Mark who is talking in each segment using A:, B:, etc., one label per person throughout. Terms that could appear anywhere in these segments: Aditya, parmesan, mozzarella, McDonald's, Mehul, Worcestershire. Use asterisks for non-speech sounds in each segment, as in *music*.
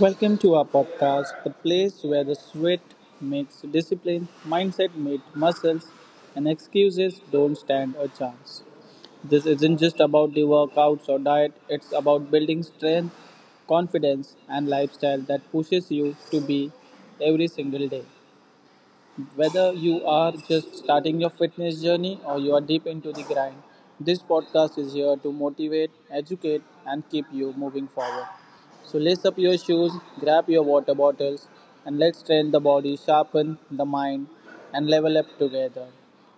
A: Welcome to our podcast, the place where the sweat makes discipline, mindset meets muscles, and excuses don't stand a chance. This isn't just about the workouts or diet, it's about building strength, confidence, and lifestyle that pushes you to be every single day. Whether you are just starting your fitness journey or you are deep into the grind, this podcast is here to motivate, educate, and keep you moving forward. So, lace up your shoes, grab your water bottles, and let's train the body, sharpen the mind, and level up together.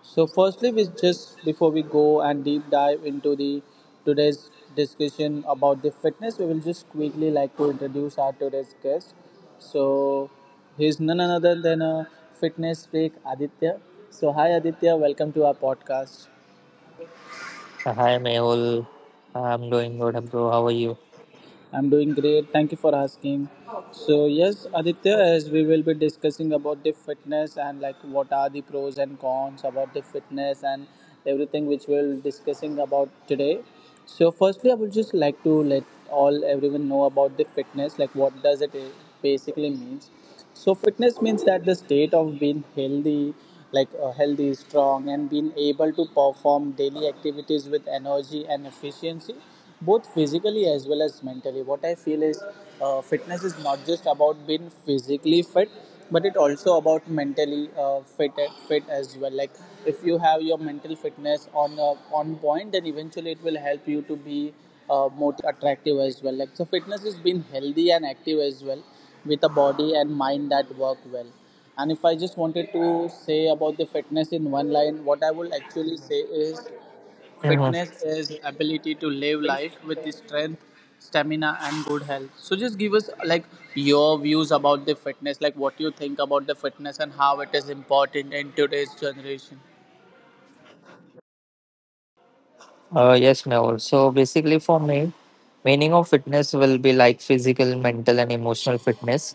A: So, firstly, we just before we go and deep dive into the today's discussion about the fitness, we will just quickly like to introduce our today's guest. So, he's none other than a fitness freak, Aditya. So, hi Aditya, welcome to our podcast.
B: Hi, Mehul. I'm doing good, bro. How are you?
A: I'm doing great. Thank you for asking. So yes, Aditya, as we will be discussing about the fitness and, like, what are the pros and cons about the fitness and everything which we'll discussing about today. So firstly, I would just like to let all everyone know about the fitness, like what does it basically means. So fitness means that the state of being healthy, like, healthy, strong, and being able to perform daily activities with energy and efficiency, both physically as well as mentally. What I feel is, fitness is not just about being physically fit, but it also about mentally fit as well. Like, if you have your mental fitness on point, then eventually it will help you to be motivated, confident, and like attractive as well. Like so, fitness is being healthy and active as well, with a body and mind that work well. And if I just wanted to say about the fitness in one line, what I would actually say is
B: Mhm.
A: fitness is ability to live life with the strength, stamina, and good health. So just give us, like, your views about the fitness, like what you think about the fitness and how it is important in today's generation.
B: Yes, Mehul. So basically, for me, meaning of fitness will be like physical, mental, and emotional fitness.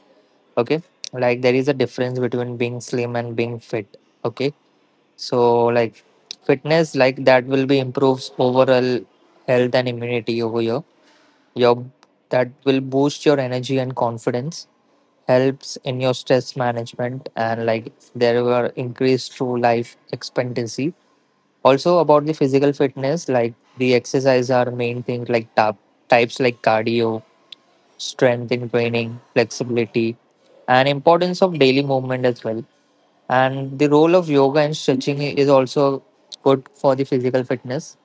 B: Okay, like there is a difference between being slim and being fit. Okay, so like fitness, like that will be improves overall health and immunity over here. Your that will boost your energy and confidence, helps in your stress management, and like there were increased through life expectancy also about the physical fitness, like the exercise are main things like tap, types like cardio, strength in training, flexibility, and importance of daily movement as well. And the role of yoga and stretching is also good for the physical fitness.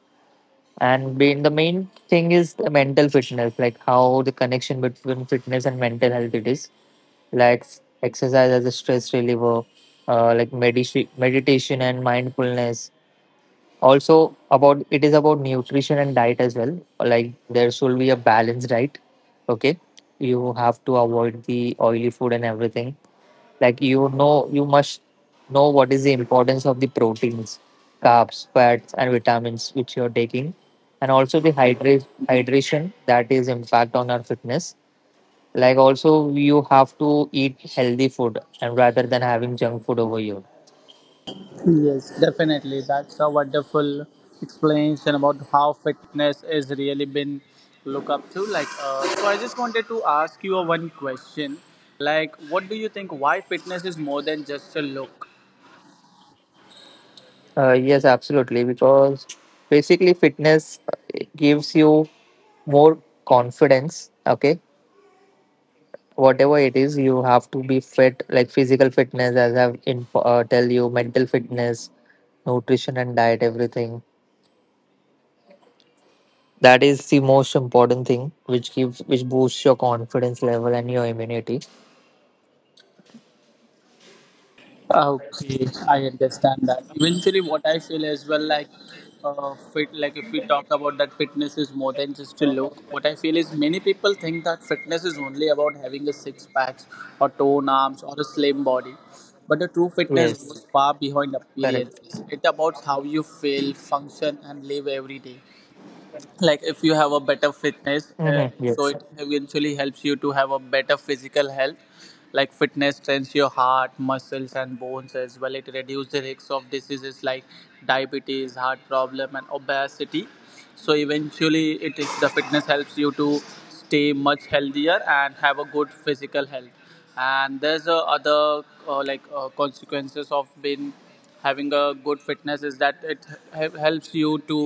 B: And being the main thing is the mental fitness, like how the connection between fitness and mental health it is. Like exercise as a stress reliever, like meditation and mindfulness, also about it is about nutrition and diet as well, like there should be a balanced diet. Okay, you have to avoid the oily food and everything, like you know you must know what is the importance of the proteins, carbs, fats and vitamins which you're taking, and also the hydrate hydration that is impact on our fitness. Like also you have to eat healthy food and rather than having junk food over here.
A: Yes, definitely. That's a wonderful explanation about how fitness is really been look up to. Like, so I just wanted to ask you a one question. Like, what do you think? Why fitness is more than just a look?
B: Yes, absolutely. Because basically, fitness gives you more confidence. Okay, whatever it is, you have to be fit, like physical fitness, as I've info, tell you, mental fitness, nutrition and diet, everything. That is the most important thing, which gives, which boosts your confidence level and your immunity.
A: Okay, I understand that. Eventually, what I feel as well, like, like if we talk about that fitness is more than just a look. What I feel is many people think that fitness is only about having a six packs or toned arms or a slim body, but the true fitness
B: Yes,
A: goes far behind
B: correct.
A: appearances. It about how you feel, function, and live every day. Like, if you have a better fitness,
B: Hmm.
A: so
B: Yes.
A: it eventually helps you to have a better physical health. Like, fitness strengthens your heart, muscles, and bones as well. It reduces the risks of diseases like diabetes, heart problem, and obesity. So eventually it is the fitness helps you to stay much healthier and have a good physical health. And there's a other like consequences of being having a good fitness is that it helps you to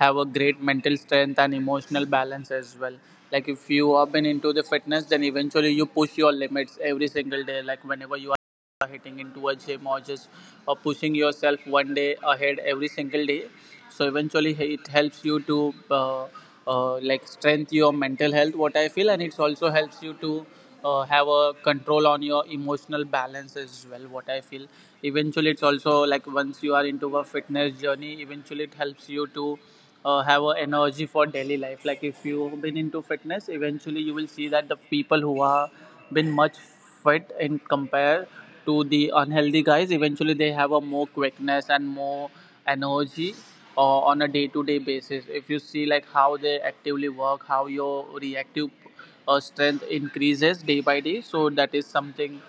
A: have a great mental strength and emotional balance as well. Like, if you have been into the fitness, then eventually you push your limits every single day, like whenever you are hitting into a gym or pushing yourself one day ahead every single day. So eventually it helps you to uh, like strengthen your mental health, what I feel. And it also helps you to have a control on your emotional balance as well, what I feel. Eventually, it's also like once you are into a fitness journey, eventually it helps you to have a energy for daily life. Like, if you've been into fitness, eventually you will see that the people who are been much fit in compare to the unhealthy guys, eventually they have a more quickness and more energy on a day-to-day basis. If you see, like, how they actively work, how your reactive strength increases day by day, so that is something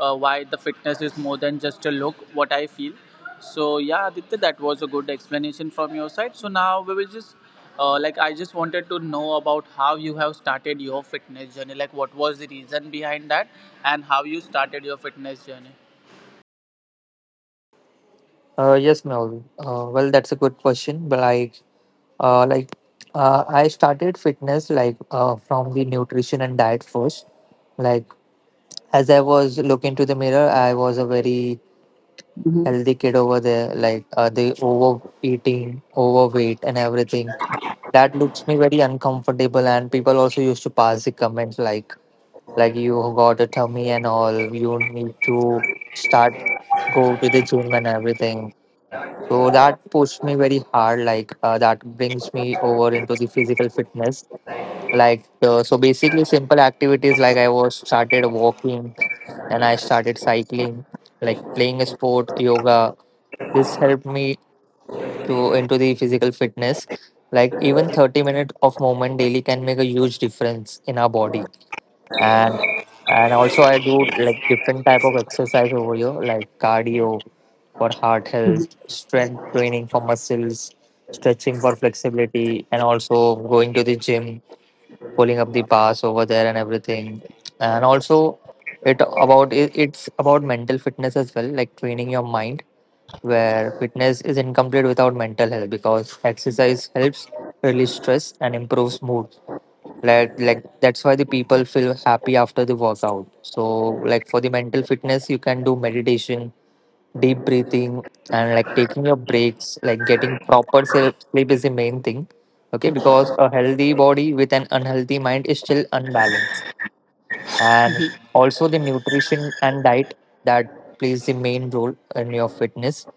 A: why the fitness is more than just a look, what I feel. So yeah, Aditya, that was a good explanation from your side. So now we will just, like I just wanted to know about how you have started your fitness journey, like what was the reason behind that and how you started your fitness journey.
B: Yes, Mel. Well, that's a good question, but uh, like I started fitness like from the nutrition and diet first. Like as I was looking to the mirror, I was a very healthy kid over there, like the overeating, overweight and everything that looks me very uncomfortable, and people also used to pass the comments like you got a tummy and all, you need to start go to the gym and everything. So that pushed me very hard, like that brings me over into the physical fitness, like so basically simple activities like I was started walking and I started cycling, like playing a sport, yoga, this helped me to into the physical fitness. Like even 30 minutes of movement daily can make a huge difference in our body. And and also I do like different type of exercise over here, like cardio for heart health, strength training for muscles, stretching for flexibility, and also going to the gym, pulling up the pass over there and everything. And also, it about it, it's about mental fitness as well, like training your mind. Where fitness is incomplete without mental health, because exercise helps release stress and improves mood. Like that's why the people feel happy after the workout. So like for the mental fitness, you can do meditation, deep breathing, and like taking your breaks, like getting proper self sleep is the main thing. Okay, because a healthy body with an unhealthy mind is still unbalanced. And also the nutrition and diet that plays the main role in your fitness,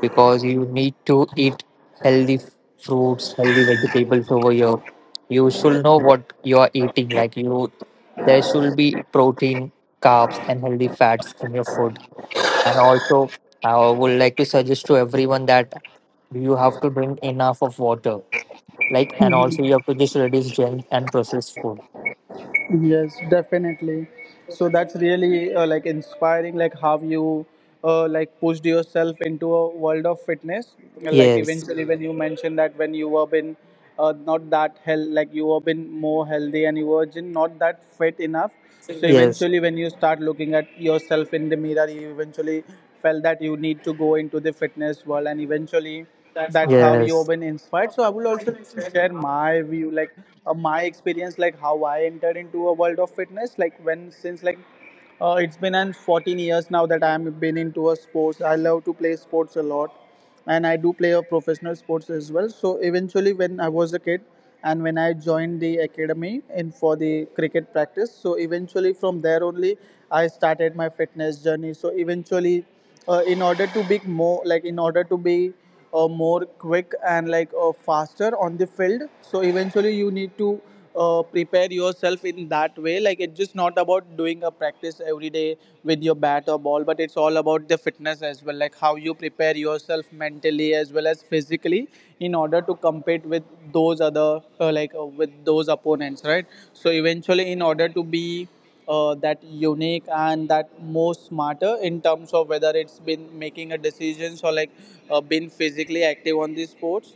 B: because you need to eat healthy fruits, healthy vegetables over here. You should know what you are eating, like you there should be protein, carbs and healthy fats in your food. And also, I would like to suggest to everyone that you have to drink enough of water. Like, and also you
A: *laughs*
B: have to just reduce junk and processed food.
A: Yes, definitely. So that's really like inspiring, like how you like pushed yourself into a world of fitness. Like
B: Yes.
A: eventually, when you mentioned that when you were been not that hell, like, you were been more healthy and you were just not that fit enough. So
B: Yes.
A: eventually, when you start looking at yourself in the mirror, you eventually felt that you need to go into the fitness world, and eventually, that's how you've
B: Yes.
A: been inspired. So I would also like to share my view, like, my experience, like how I entered into a world of fitness. Like, when since, like, it's been an 14 years now that I'm been into a sports. I love to play sports a lot and I do play a professional sports as well. So eventually when I was a kid and when I joined the academy in for the cricket practice, so eventually from there only I started my fitness journey. So eventually, in order to be more, like, in order to be more quick and, like, faster on the field, so eventually you need to prepare yourself in that way. Like, it's just not about doing a practice every day with your bat or ball, but it's all about the fitness as well. Like how you prepare yourself mentally as well as physically in order to compete with those other like with those opponents, right? So eventually, in order to be that unique and that more smarter in terms of whether it's been making a decisions or, like, been physically active on these sports,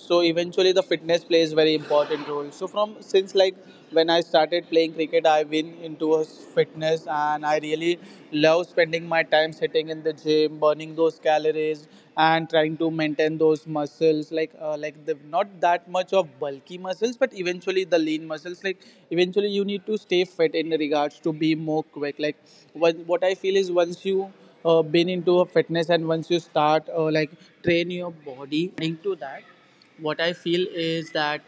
A: so eventually the fitness plays very important role. So from since, like, when I started playing cricket, I've been into a fitness and I really love spending my time sitting in the gym, burning those calories and trying to maintain those muscles, like, like the not that much of bulky muscles, but eventually the lean muscles. Like, eventually you need to stay fit in regards to be more quick. Like, what I feel is, once you been into a fitness and once you start like train your body according to that, what I feel is that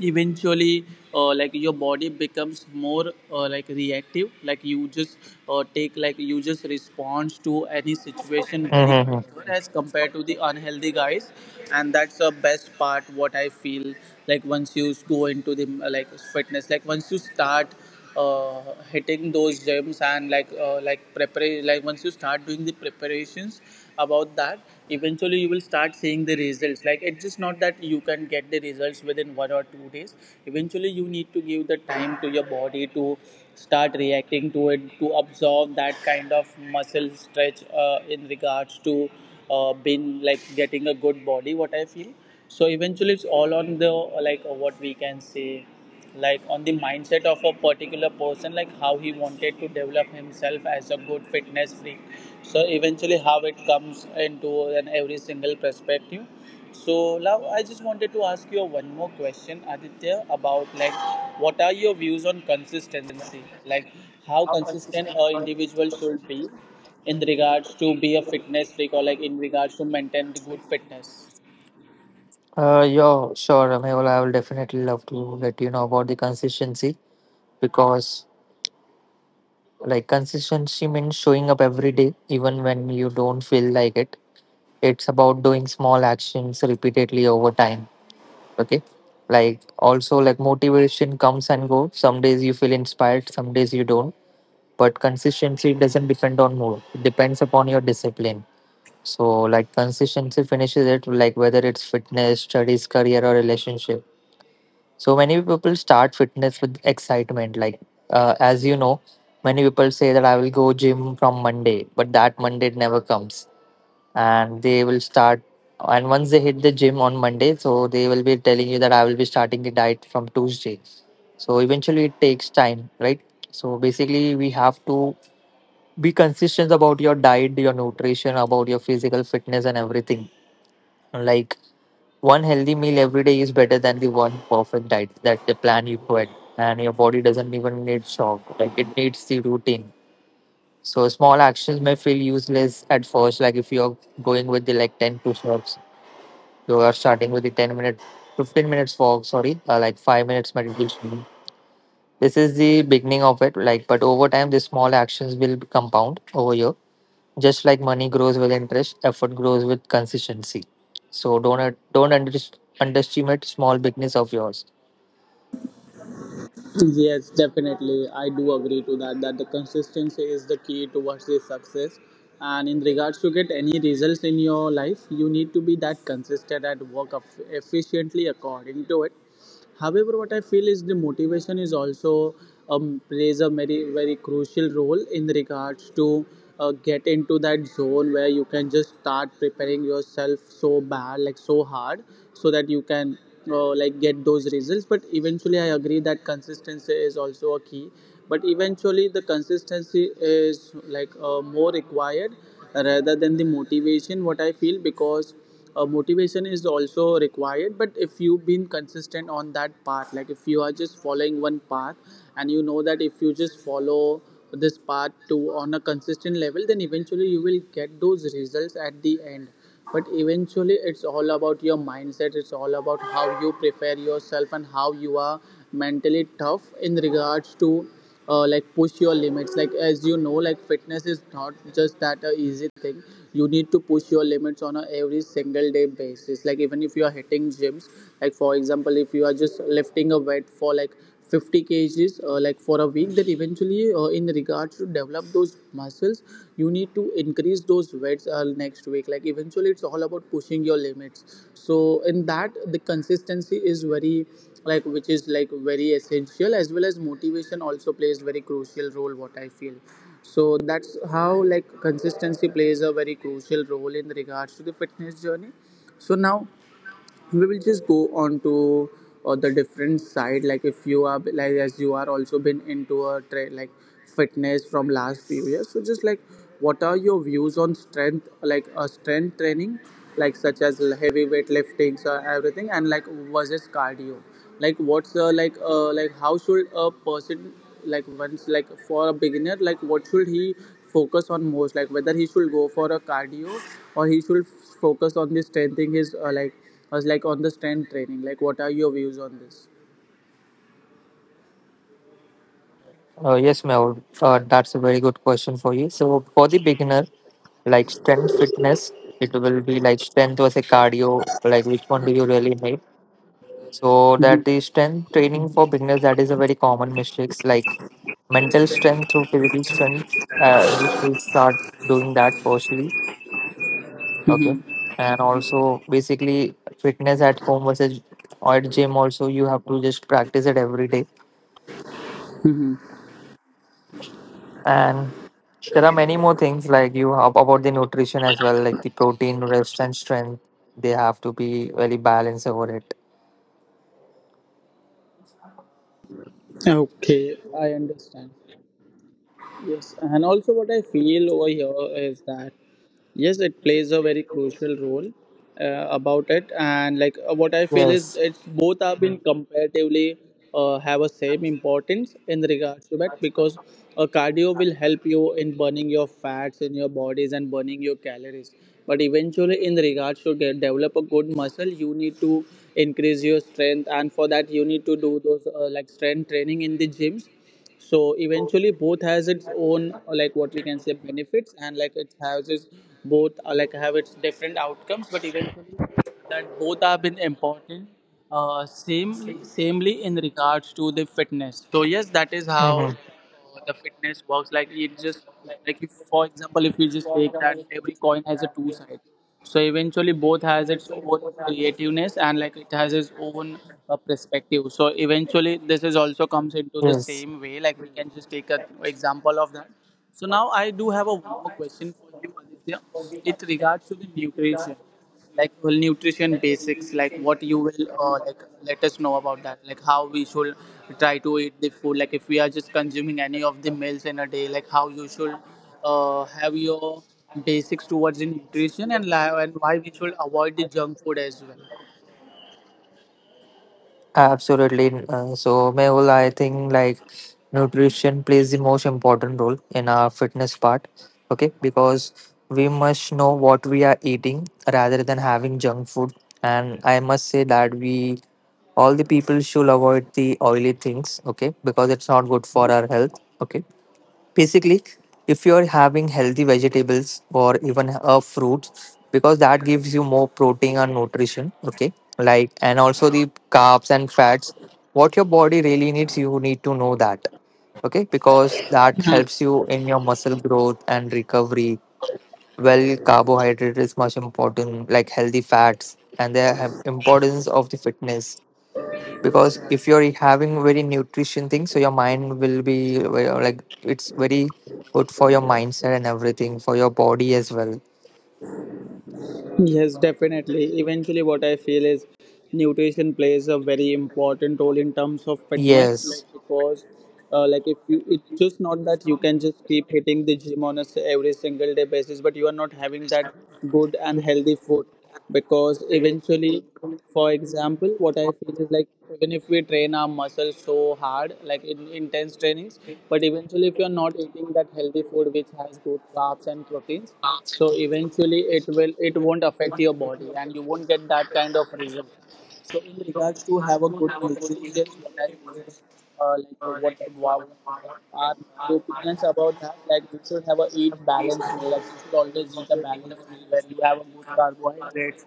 A: eventually like your body becomes more like reactive, like you just responds to any situation very
B: Mm-hmm.
A: quicker as compared to the unhealthy guys. And that's the best part, what I feel. Like, once you go into the like fitness, like once you start uh, hitting those gems and, like, like prepare like once you start doing the preparations about that, eventually you will start seeing the results. Like, it's just not that you can get the results within 1 or 2 days. Eventually you need to give the time to your body to start reacting to it, to absorb that kind of muscle stretch, in regards to being like getting a good body, what I feel. So eventually it's all on the, like, what we can say, like, on the mindset of a particular person, like how he wanted to develop himself as a good fitness freak. So eventually how it comes into an every single perspective. So now I just wanted to ask you one more question, Aditya, about, like, what are your views on consistency, like how consistent a individual should be in regards to be a fitness freak or, like, in regards to maintain the good fitness.
B: Yeah, sure, Mehul. I will definitely love to let you know about the consistency because, like, consistency means showing up every day, even when you don't feel like it. It's about doing small actions repeatedly over time. Okay, like also like motivation comes and goes, some days you feel inspired, some days you don't, but consistency doesn't depend on mood, it depends upon your discipline. So like consistency finishes it, like whether it's fitness, studies, career or relationship. So many people start fitness with excitement, like as you know, many people say that I will go gym from Monday, but that Monday never comes, and they will start. And once they hit the gym on Monday, so they will be telling you that I will be starting the diet from Tuesday. So eventually it takes time, right? So basically we have to be consistent about your diet, your nutrition, about your physical fitness and everything. Like one healthy meal every day is better than the one perfect diet that the plan you put, and your body doesn't even need shock, like it needs the routine. So small actions may feel useless at first, like if you're going with the like 10 push-ups, you are starting with the 10 minute, 15 minutes walk, sorry, like 5 minutes meditation. This is the beginning of it, like, but over time, the small actions will compound over here. Just like money grows with interest, effort grows with consistency. So don't underestimate small beginnings of yours.
A: Yes, definitely. I do agree to that. That the consistency is the key towards the success. And in regards to get any results in your life, you need to be that consistent and work efficiently according to it. However, what I feel is the motivation is also plays a very, very crucial role in regards to get into that zone where you can just start preparing yourself so bad, like so hard, so that you can like get those results. But eventually, I agree that consistency is also a key. But eventually, the consistency is, like, more required rather than the motivation. What I feel because motivation is also required, but if you've been consistent on that path, like if you are just following one path and you know that if you just follow this path to on a consistent level, then eventually you will get those results at the end. But eventually, it's all about your mindset, it's all about how you prepare yourself and how you are mentally tough in regards to like push your limits. Like as you know, like fitness is not just that a easy thing, you need to push your limits on a every single day basis. Like even if you are hitting gyms, like for example if you are just lifting a weight for like 50 kgs like for a week, that eventually in regards to develop those muscles you need to increase those weights next week. Like eventually it's all about pushing your limits, so in that the consistency is very, like which is like very essential, as well as motivation also plays very crucial role, what I feel. So that's how like consistency plays a very crucial role in regards to the fitness journey. So now we will just go on to the different side. Like if you are like, as you are also been into a like fitness from last few years, so just like what are your views on strength, like strength training, like such as heavy weight liftings or everything, and like versus cardio? Like what's like how should a person, like once, like for a beginner, like what should he focus on most, like whether he should go for a cardio or he should focus on the strengthening his like as like on the strength training? Like what are your views on this?
B: Yes, Mel, that's a very good question for you. So for the beginner, like strength fitness, it will be like strength was a cardio, like which one do you really need? So that is strength training for beginners. That is a very common mistakes, like mental strength through physical strength. We should start doing that firstly. Okay, and also basically fitness at home versus or at gym. Also, you have to just practice it every day.
A: Mhm.
B: And there are many more things like you have about the nutrition as well, like the protein, rest, and strength. They have to be very balanced over it.
A: Okay, I understand. Yes, and also what I feel over here is that yes, it plays a very crucial role about it, and like what I feel is
B: Yes.
A: it's both have been comparatively have a same importance in regards to that, because cardio will help you in burning your fats in your bodies and burning your calories. But eventually, in regards to get, develop a good muscle, you need to increase your strength, and for that you need to do those like strength training in the gyms. So eventually both has its own like what we can say benefits, and like it has its both like have its different outcomes, but eventually that both have been important samely samely in regards to the fitness. So yes, that is how
B: Mm-hmm.
A: the fitness works. Like it just like, if for example if you just take that every coin has a two sides, so eventually both has its own creativeness and like it has its own perspective. So eventually this is also comes into the
B: Yes.
A: same way, like we can just take an example of that. So now I do have a one more question for you, Aditya. It regards to the nutrition, like well, nutrition basics, like what you will like let us know about that, like how we should try to eat the food, like if we are just consuming any of the meals in a day, like how you should have your basics towards the nutrition and and why we should avoid the junk food as well.
B: Absolutely. So, Mehul, I think like nutrition plays the most important role in our fitness part. Okay, because we must know what we are eating rather than having junk food. And I must say that we all the people should avoid the oily things. Okay, because it's not good for our health. Okay. Basically, if you're having healthy vegetables or even a fruit, because that gives you more protein and nutrition, okay? Like, and also the carbs and fats, what your body really needs, you need to know that, okay? Because that helps you in your muscle growth and recovery. Well, carbohydrate is much important, like healthy fats, and the importance of the fitness, because if you're having very nutrition thing, so your mind will be like it's very good for your mindset and everything for your body as well.
A: Yes, definitely. Eventually, what I feel is nutrition plays a very important role in terms of fitness. Like
B: Yes.
A: because, like if you, it's just not that you can just keep hitting the gym on a every single day basis, but you are not having that good and healthy food. Because eventually for example what I feel is, like even if we train our muscles so hard like in intense trainings, but eventually if you're not eating that healthy food which has good carbs and proteins, so eventually it will, it won't affect your body and you won't get that kind of result. So in regards to have a good nutrition, what I feel what like are my opinions about that, like you should have a eat balanced meal, like you should always eat a balanced meal where you have a good carbohydrates,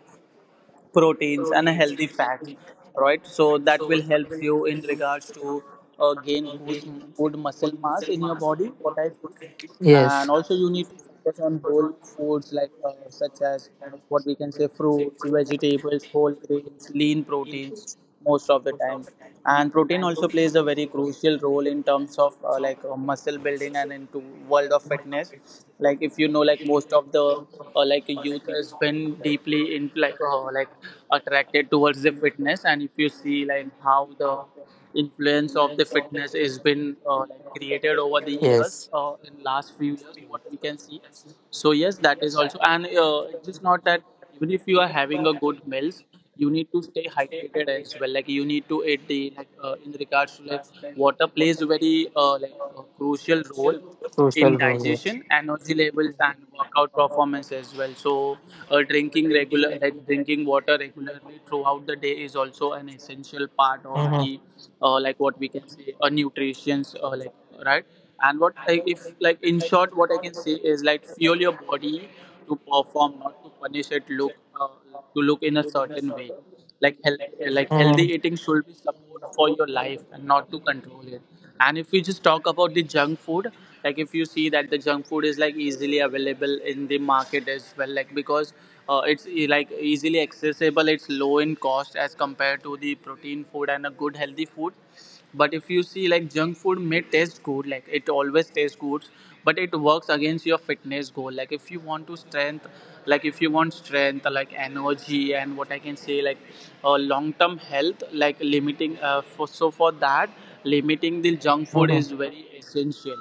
A: proteins, and a healthy fat, right? So that will help you in regards to gain good muscle mass in your body, what I feel.
B: Yes.
A: And also you need to focus on whole foods, like such as what we can say fruits, vegetables, whole grains, lean proteins most of the time. And protein also plays a very crucial role in terms of muscle building and into world of fitness. Like if you know, like most of the like youth has been deeply in, like attracted towards the fitness, and if you see like how the influence of the fitness has been like created over the years
B: Yes.
A: in last few years, what we can see. So yes, that is also, and it's just not that even if you are having a good meals, you need to stay hydrated as well. Like you need to eat the like in regards to like water plays a very like a crucial role
B: Social
A: in
B: role, yes.
A: digestion, energy levels, and workout performance as well. So drinking regular, like drinking water regularly throughout the day is also an essential part of
B: Mm-hmm.
A: the like what we can say a nutrition's like right. And what I, if like in short, what I can say is like fuel your body to perform, not to punish it. Look to look in a certain way. Like like healthy
B: Mm-hmm.
A: eating should be support for your life and not to control it. And if we just talk about the junk food, like if you see that the junk food is like easily available in the market as well, like because it's like easily accessible, it's low in cost as compared to the protein food and a good healthy food. But if you see, like junk food may taste good, like it always tastes good, but it works against your fitness goal. Like if you want to strength, like if you want strength, like energy, and what I can say, like long term health, like limiting. For so for that, limiting the junk food is
B: Mm-hmm.
A: very essential.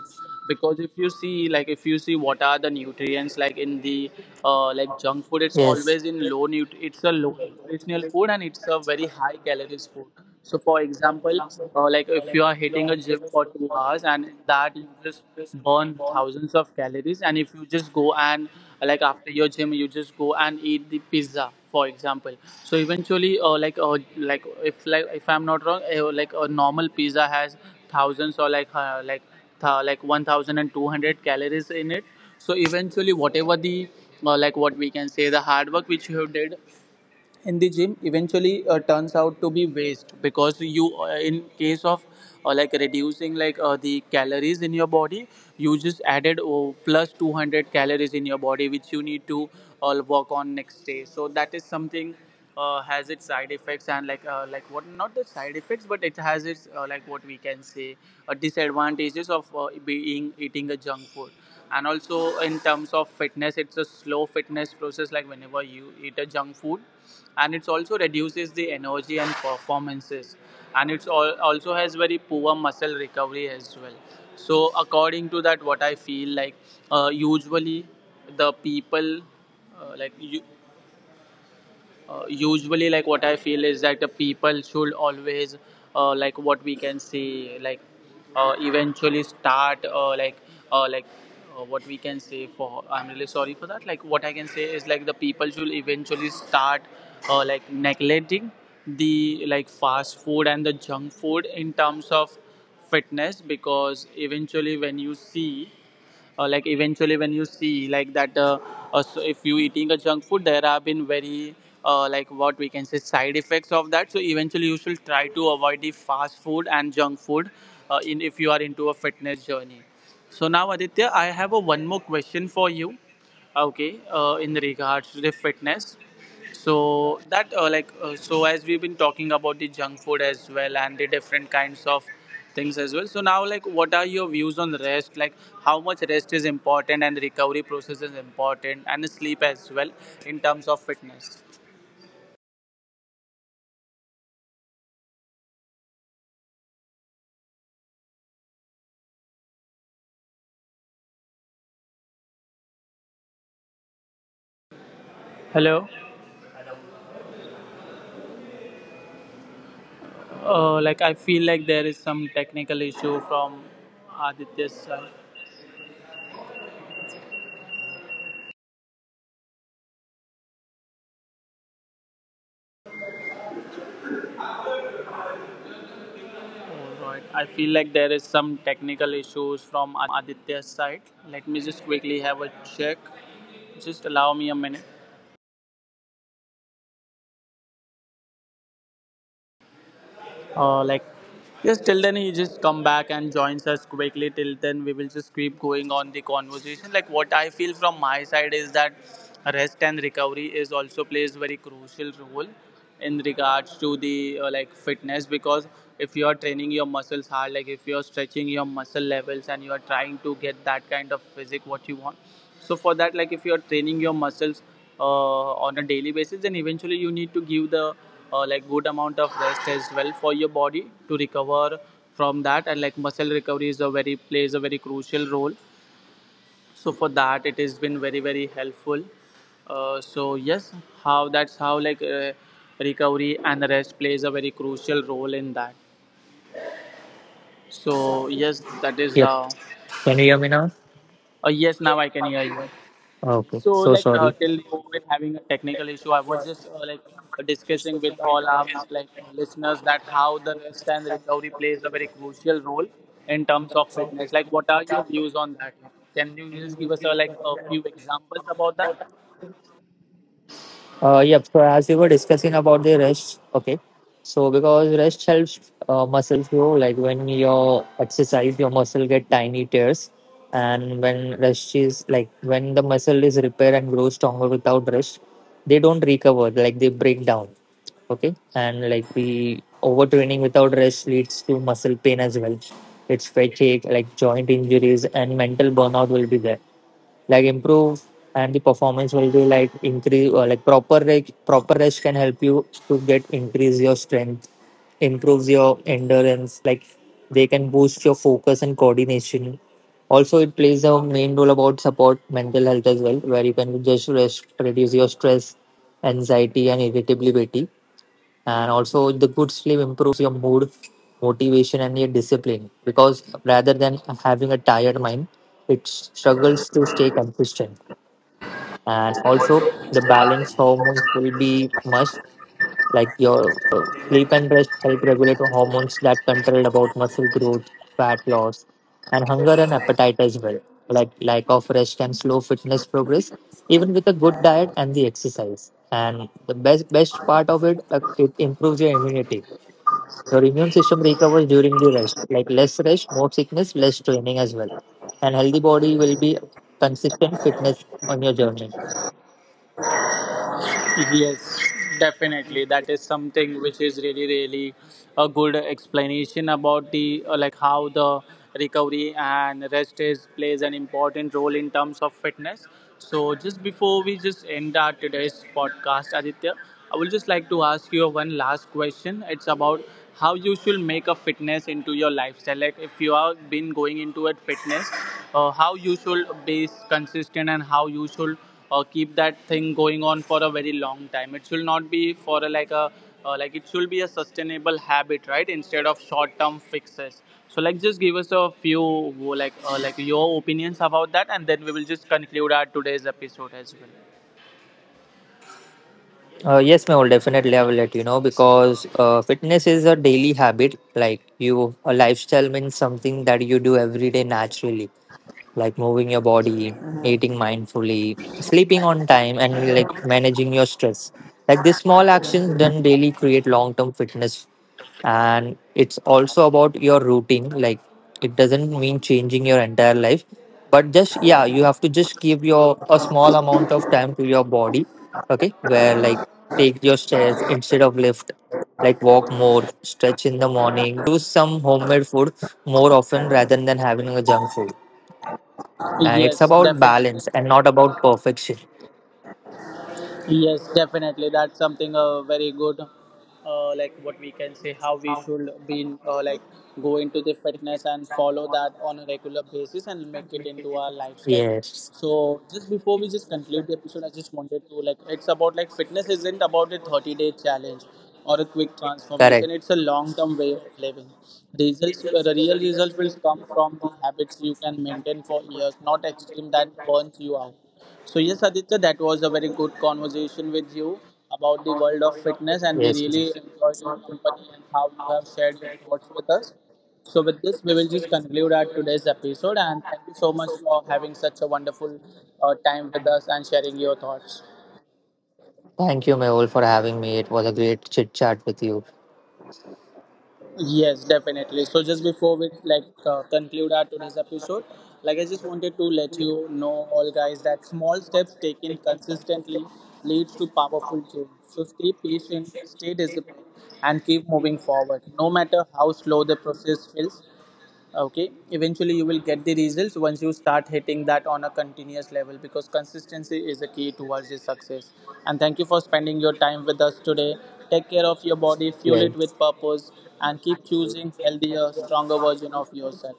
A: Because if you see, like if you see what are the nutrients like in the like junk food, it's
B: Yes.
A: always in low nut, it's a low nutritional food and it's a very high calories food. So for example like if you are hitting a gym for 2 hours and in that you just burn thousands of calories, and if you just go and like after your gym you just go and eat the pizza for example. So eventually like if, like if I'm not wrong like a normal pizza has thousands or like like 1,200 calories in it. So eventually whatever the like what we can say the hard work which you have did in the gym, eventually turns out to be waste because you in case of like reducing like the calories in your body, you just added oh, plus 200 calories in your body which you need to work on next day. So that is something has its side effects, and like what, not the side effects, but it has its like what we can say disadvantages of being eating a junk food. And also in terms of fitness it's a slow fitness process, like whenever you eat a junk food, and it's also reduces the energy and performances, and it's all, also has very poor muscle recovery as well. So according to that what I feel, like usually the people like you, usually like what I feel is that the people should always like what we can say like eventually start like what we can say for, I'm really sorry for that, like what I can say is, like the people should eventually start like neglecting the like fast food and the junk food in terms of fitness. Because eventually when you see like eventually when you see, like that so if you eating a junk food there have been very like what we can say side effects of that. So eventually you should try to avoid the fast food and junk food in if you are into a fitness journey. So now Aditya I have a one more question for you. Okay, in regards to the fitness, so that so as we've been talking about the junk food as well and the different kinds of things as well. So now, like what are your views on rest? Like how much rest is important and recovery process is important and sleep as well in terms of fitness? Hello. Like I feel like there is some technical issue from Aditya's side. Alright. I feel like there is some technical issues from Aditya's side. Let me just quickly have a check. Just allow me a minute. Like, just till then, he just come back and joins us. Quickly till then we will just keep going on the conversation. Like, what I feel from my side is that rest and recovery is also plays very crucial role in regards to the like fitness, because if you are training your muscles hard, like if you are stretching your muscle levels and you are trying to get that kind of physique what you want, so for that, like if you are training your muscles on a daily basis, and eventually you need to give the like good amount of rest as well for your body to recover from that. And like muscle recovery is a very plays a very crucial role, so for that it has been very very helpful. So yes, how that's how like recovery and rest plays a very crucial role in that. So yes, that is
C: Yep.
A: how.
C: Can you hear me now?
A: Yes, now I can hear you. Yes,
C: Okay.
A: so
C: So
A: like
C: sorry.
A: till you been having a technical issue, I was just like discussing with all our like listeners that how the rest and recovery plays a very crucial role in terms of fitness. Like, what are your views on that? Like, can you just give us a, like a few examples about that?
C: Yep. So as we were discussing about the rest, okay. So because rest helps muscles grow, like when you exercise, your muscle get tiny tears, and when rest is like when the muscle is repaired and grows stronger without rest, they don't recover, like they break down. Okay, and like the overtraining without rest leads to muscle pain as well. It's fatigue, like joint injuries, and mental burnout will be there like improve and the performance will be like increase or like proper rest can help you to get increase your strength, improves your endurance, like they can boost your focus and coordination. Also, it plays a main role about support mental health as well, where you can just rest, reduce your stress, anxiety and irritability. And also the good sleep improves your mood, motivation and your discipline, because rather than having a tired mind, it struggles to stay consistent. And also the balance hormones will be must, like your sleep and rest help regulate hormones that control about muscle growth, fat loss and hunger and appetite as well. Like lack of rest can slow fitness progress even with a good diet and the exercise. And the best best part of it, it improves your immunity, your immune system recovers during the rest. Like less rest, more sickness, less training as well. And healthy body will be consistent fitness on your journey.
A: Yes, definitely. That is something which is really, really a good explanation about the like how the recovery and rest is plays an important role in terms of fitness. So just before we just end our today's podcast, Aditya, I would just like to ask you one last question. It's about how you should make a fitness into your lifestyle. Like if you have been going into a fitness, how you should be consistent and how you should keep that thing going on for a very long time. It should not be for a like it should be a sustainable habit, right? Instead of short term fixes. So like just give us a few like your opinions about that, and then we will just conclude our today's episode as well.
C: Yes, Mehul, definitely I will let you know, because fitness is a daily habit. Like you, a lifestyle means something that you do every day naturally, like moving your body, eating mindfully, sleeping on time, and like managing your stress. Like these small actions done daily create long term fitness. And it's also about your routine, like it doesn't mean changing your entire life, but just yeah, you have to just give your a small amount of time to your body, okay, where like take your stairs instead of lift, like walk more, stretch in the morning, choose some homemade food more often rather than having a junk food. And it's
A: Yes,
C: about
A: definitely.
C: balance and not about perfection.
A: Yes, definitely. That's something very good. Like, what we can say, how we should be like go into the fitness and follow that on a regular basis and make it into our lifestyle.
C: Yes,
A: So just before we just conclude the episode, I just wanted to like it's about like fitness isn't about a 30 day challenge or a quick
C: correct.
A: transformation. It's a long term way of living. Results, the real results will come from the habits you can maintain for years, not extreme that burns you out. So yes, Aditya, that was a very good conversation with you about the world of fitness, and we
C: Yes.
A: really enjoyed your company and how you have shared your thoughts with us. So with this, we will just conclude our today's episode, and thank you so much for having such a wonderful time with us and sharing your thoughts.
C: Thank you, Mehul, for having me. It was a great chit chat with you.
A: Yes, definitely. So just before we like conclude our today's episode, like I just wanted to let you know, all guys, that small steps taken consistently leads to powerful change. So stay patient, stay disciplined, and keep moving forward. No matter how slow the process feels, okay, eventually you will get the results once you start hitting that on a continuous level, because consistency is a key towards the success. And thank you for spending your time with us today. Take care of your body, fuel it
C: Yes.
A: with purpose, and keep choosing healthier, stronger version of yourself.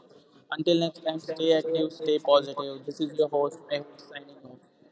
A: Until next time, stay active, stay positive. This is your host Mehul, signing off.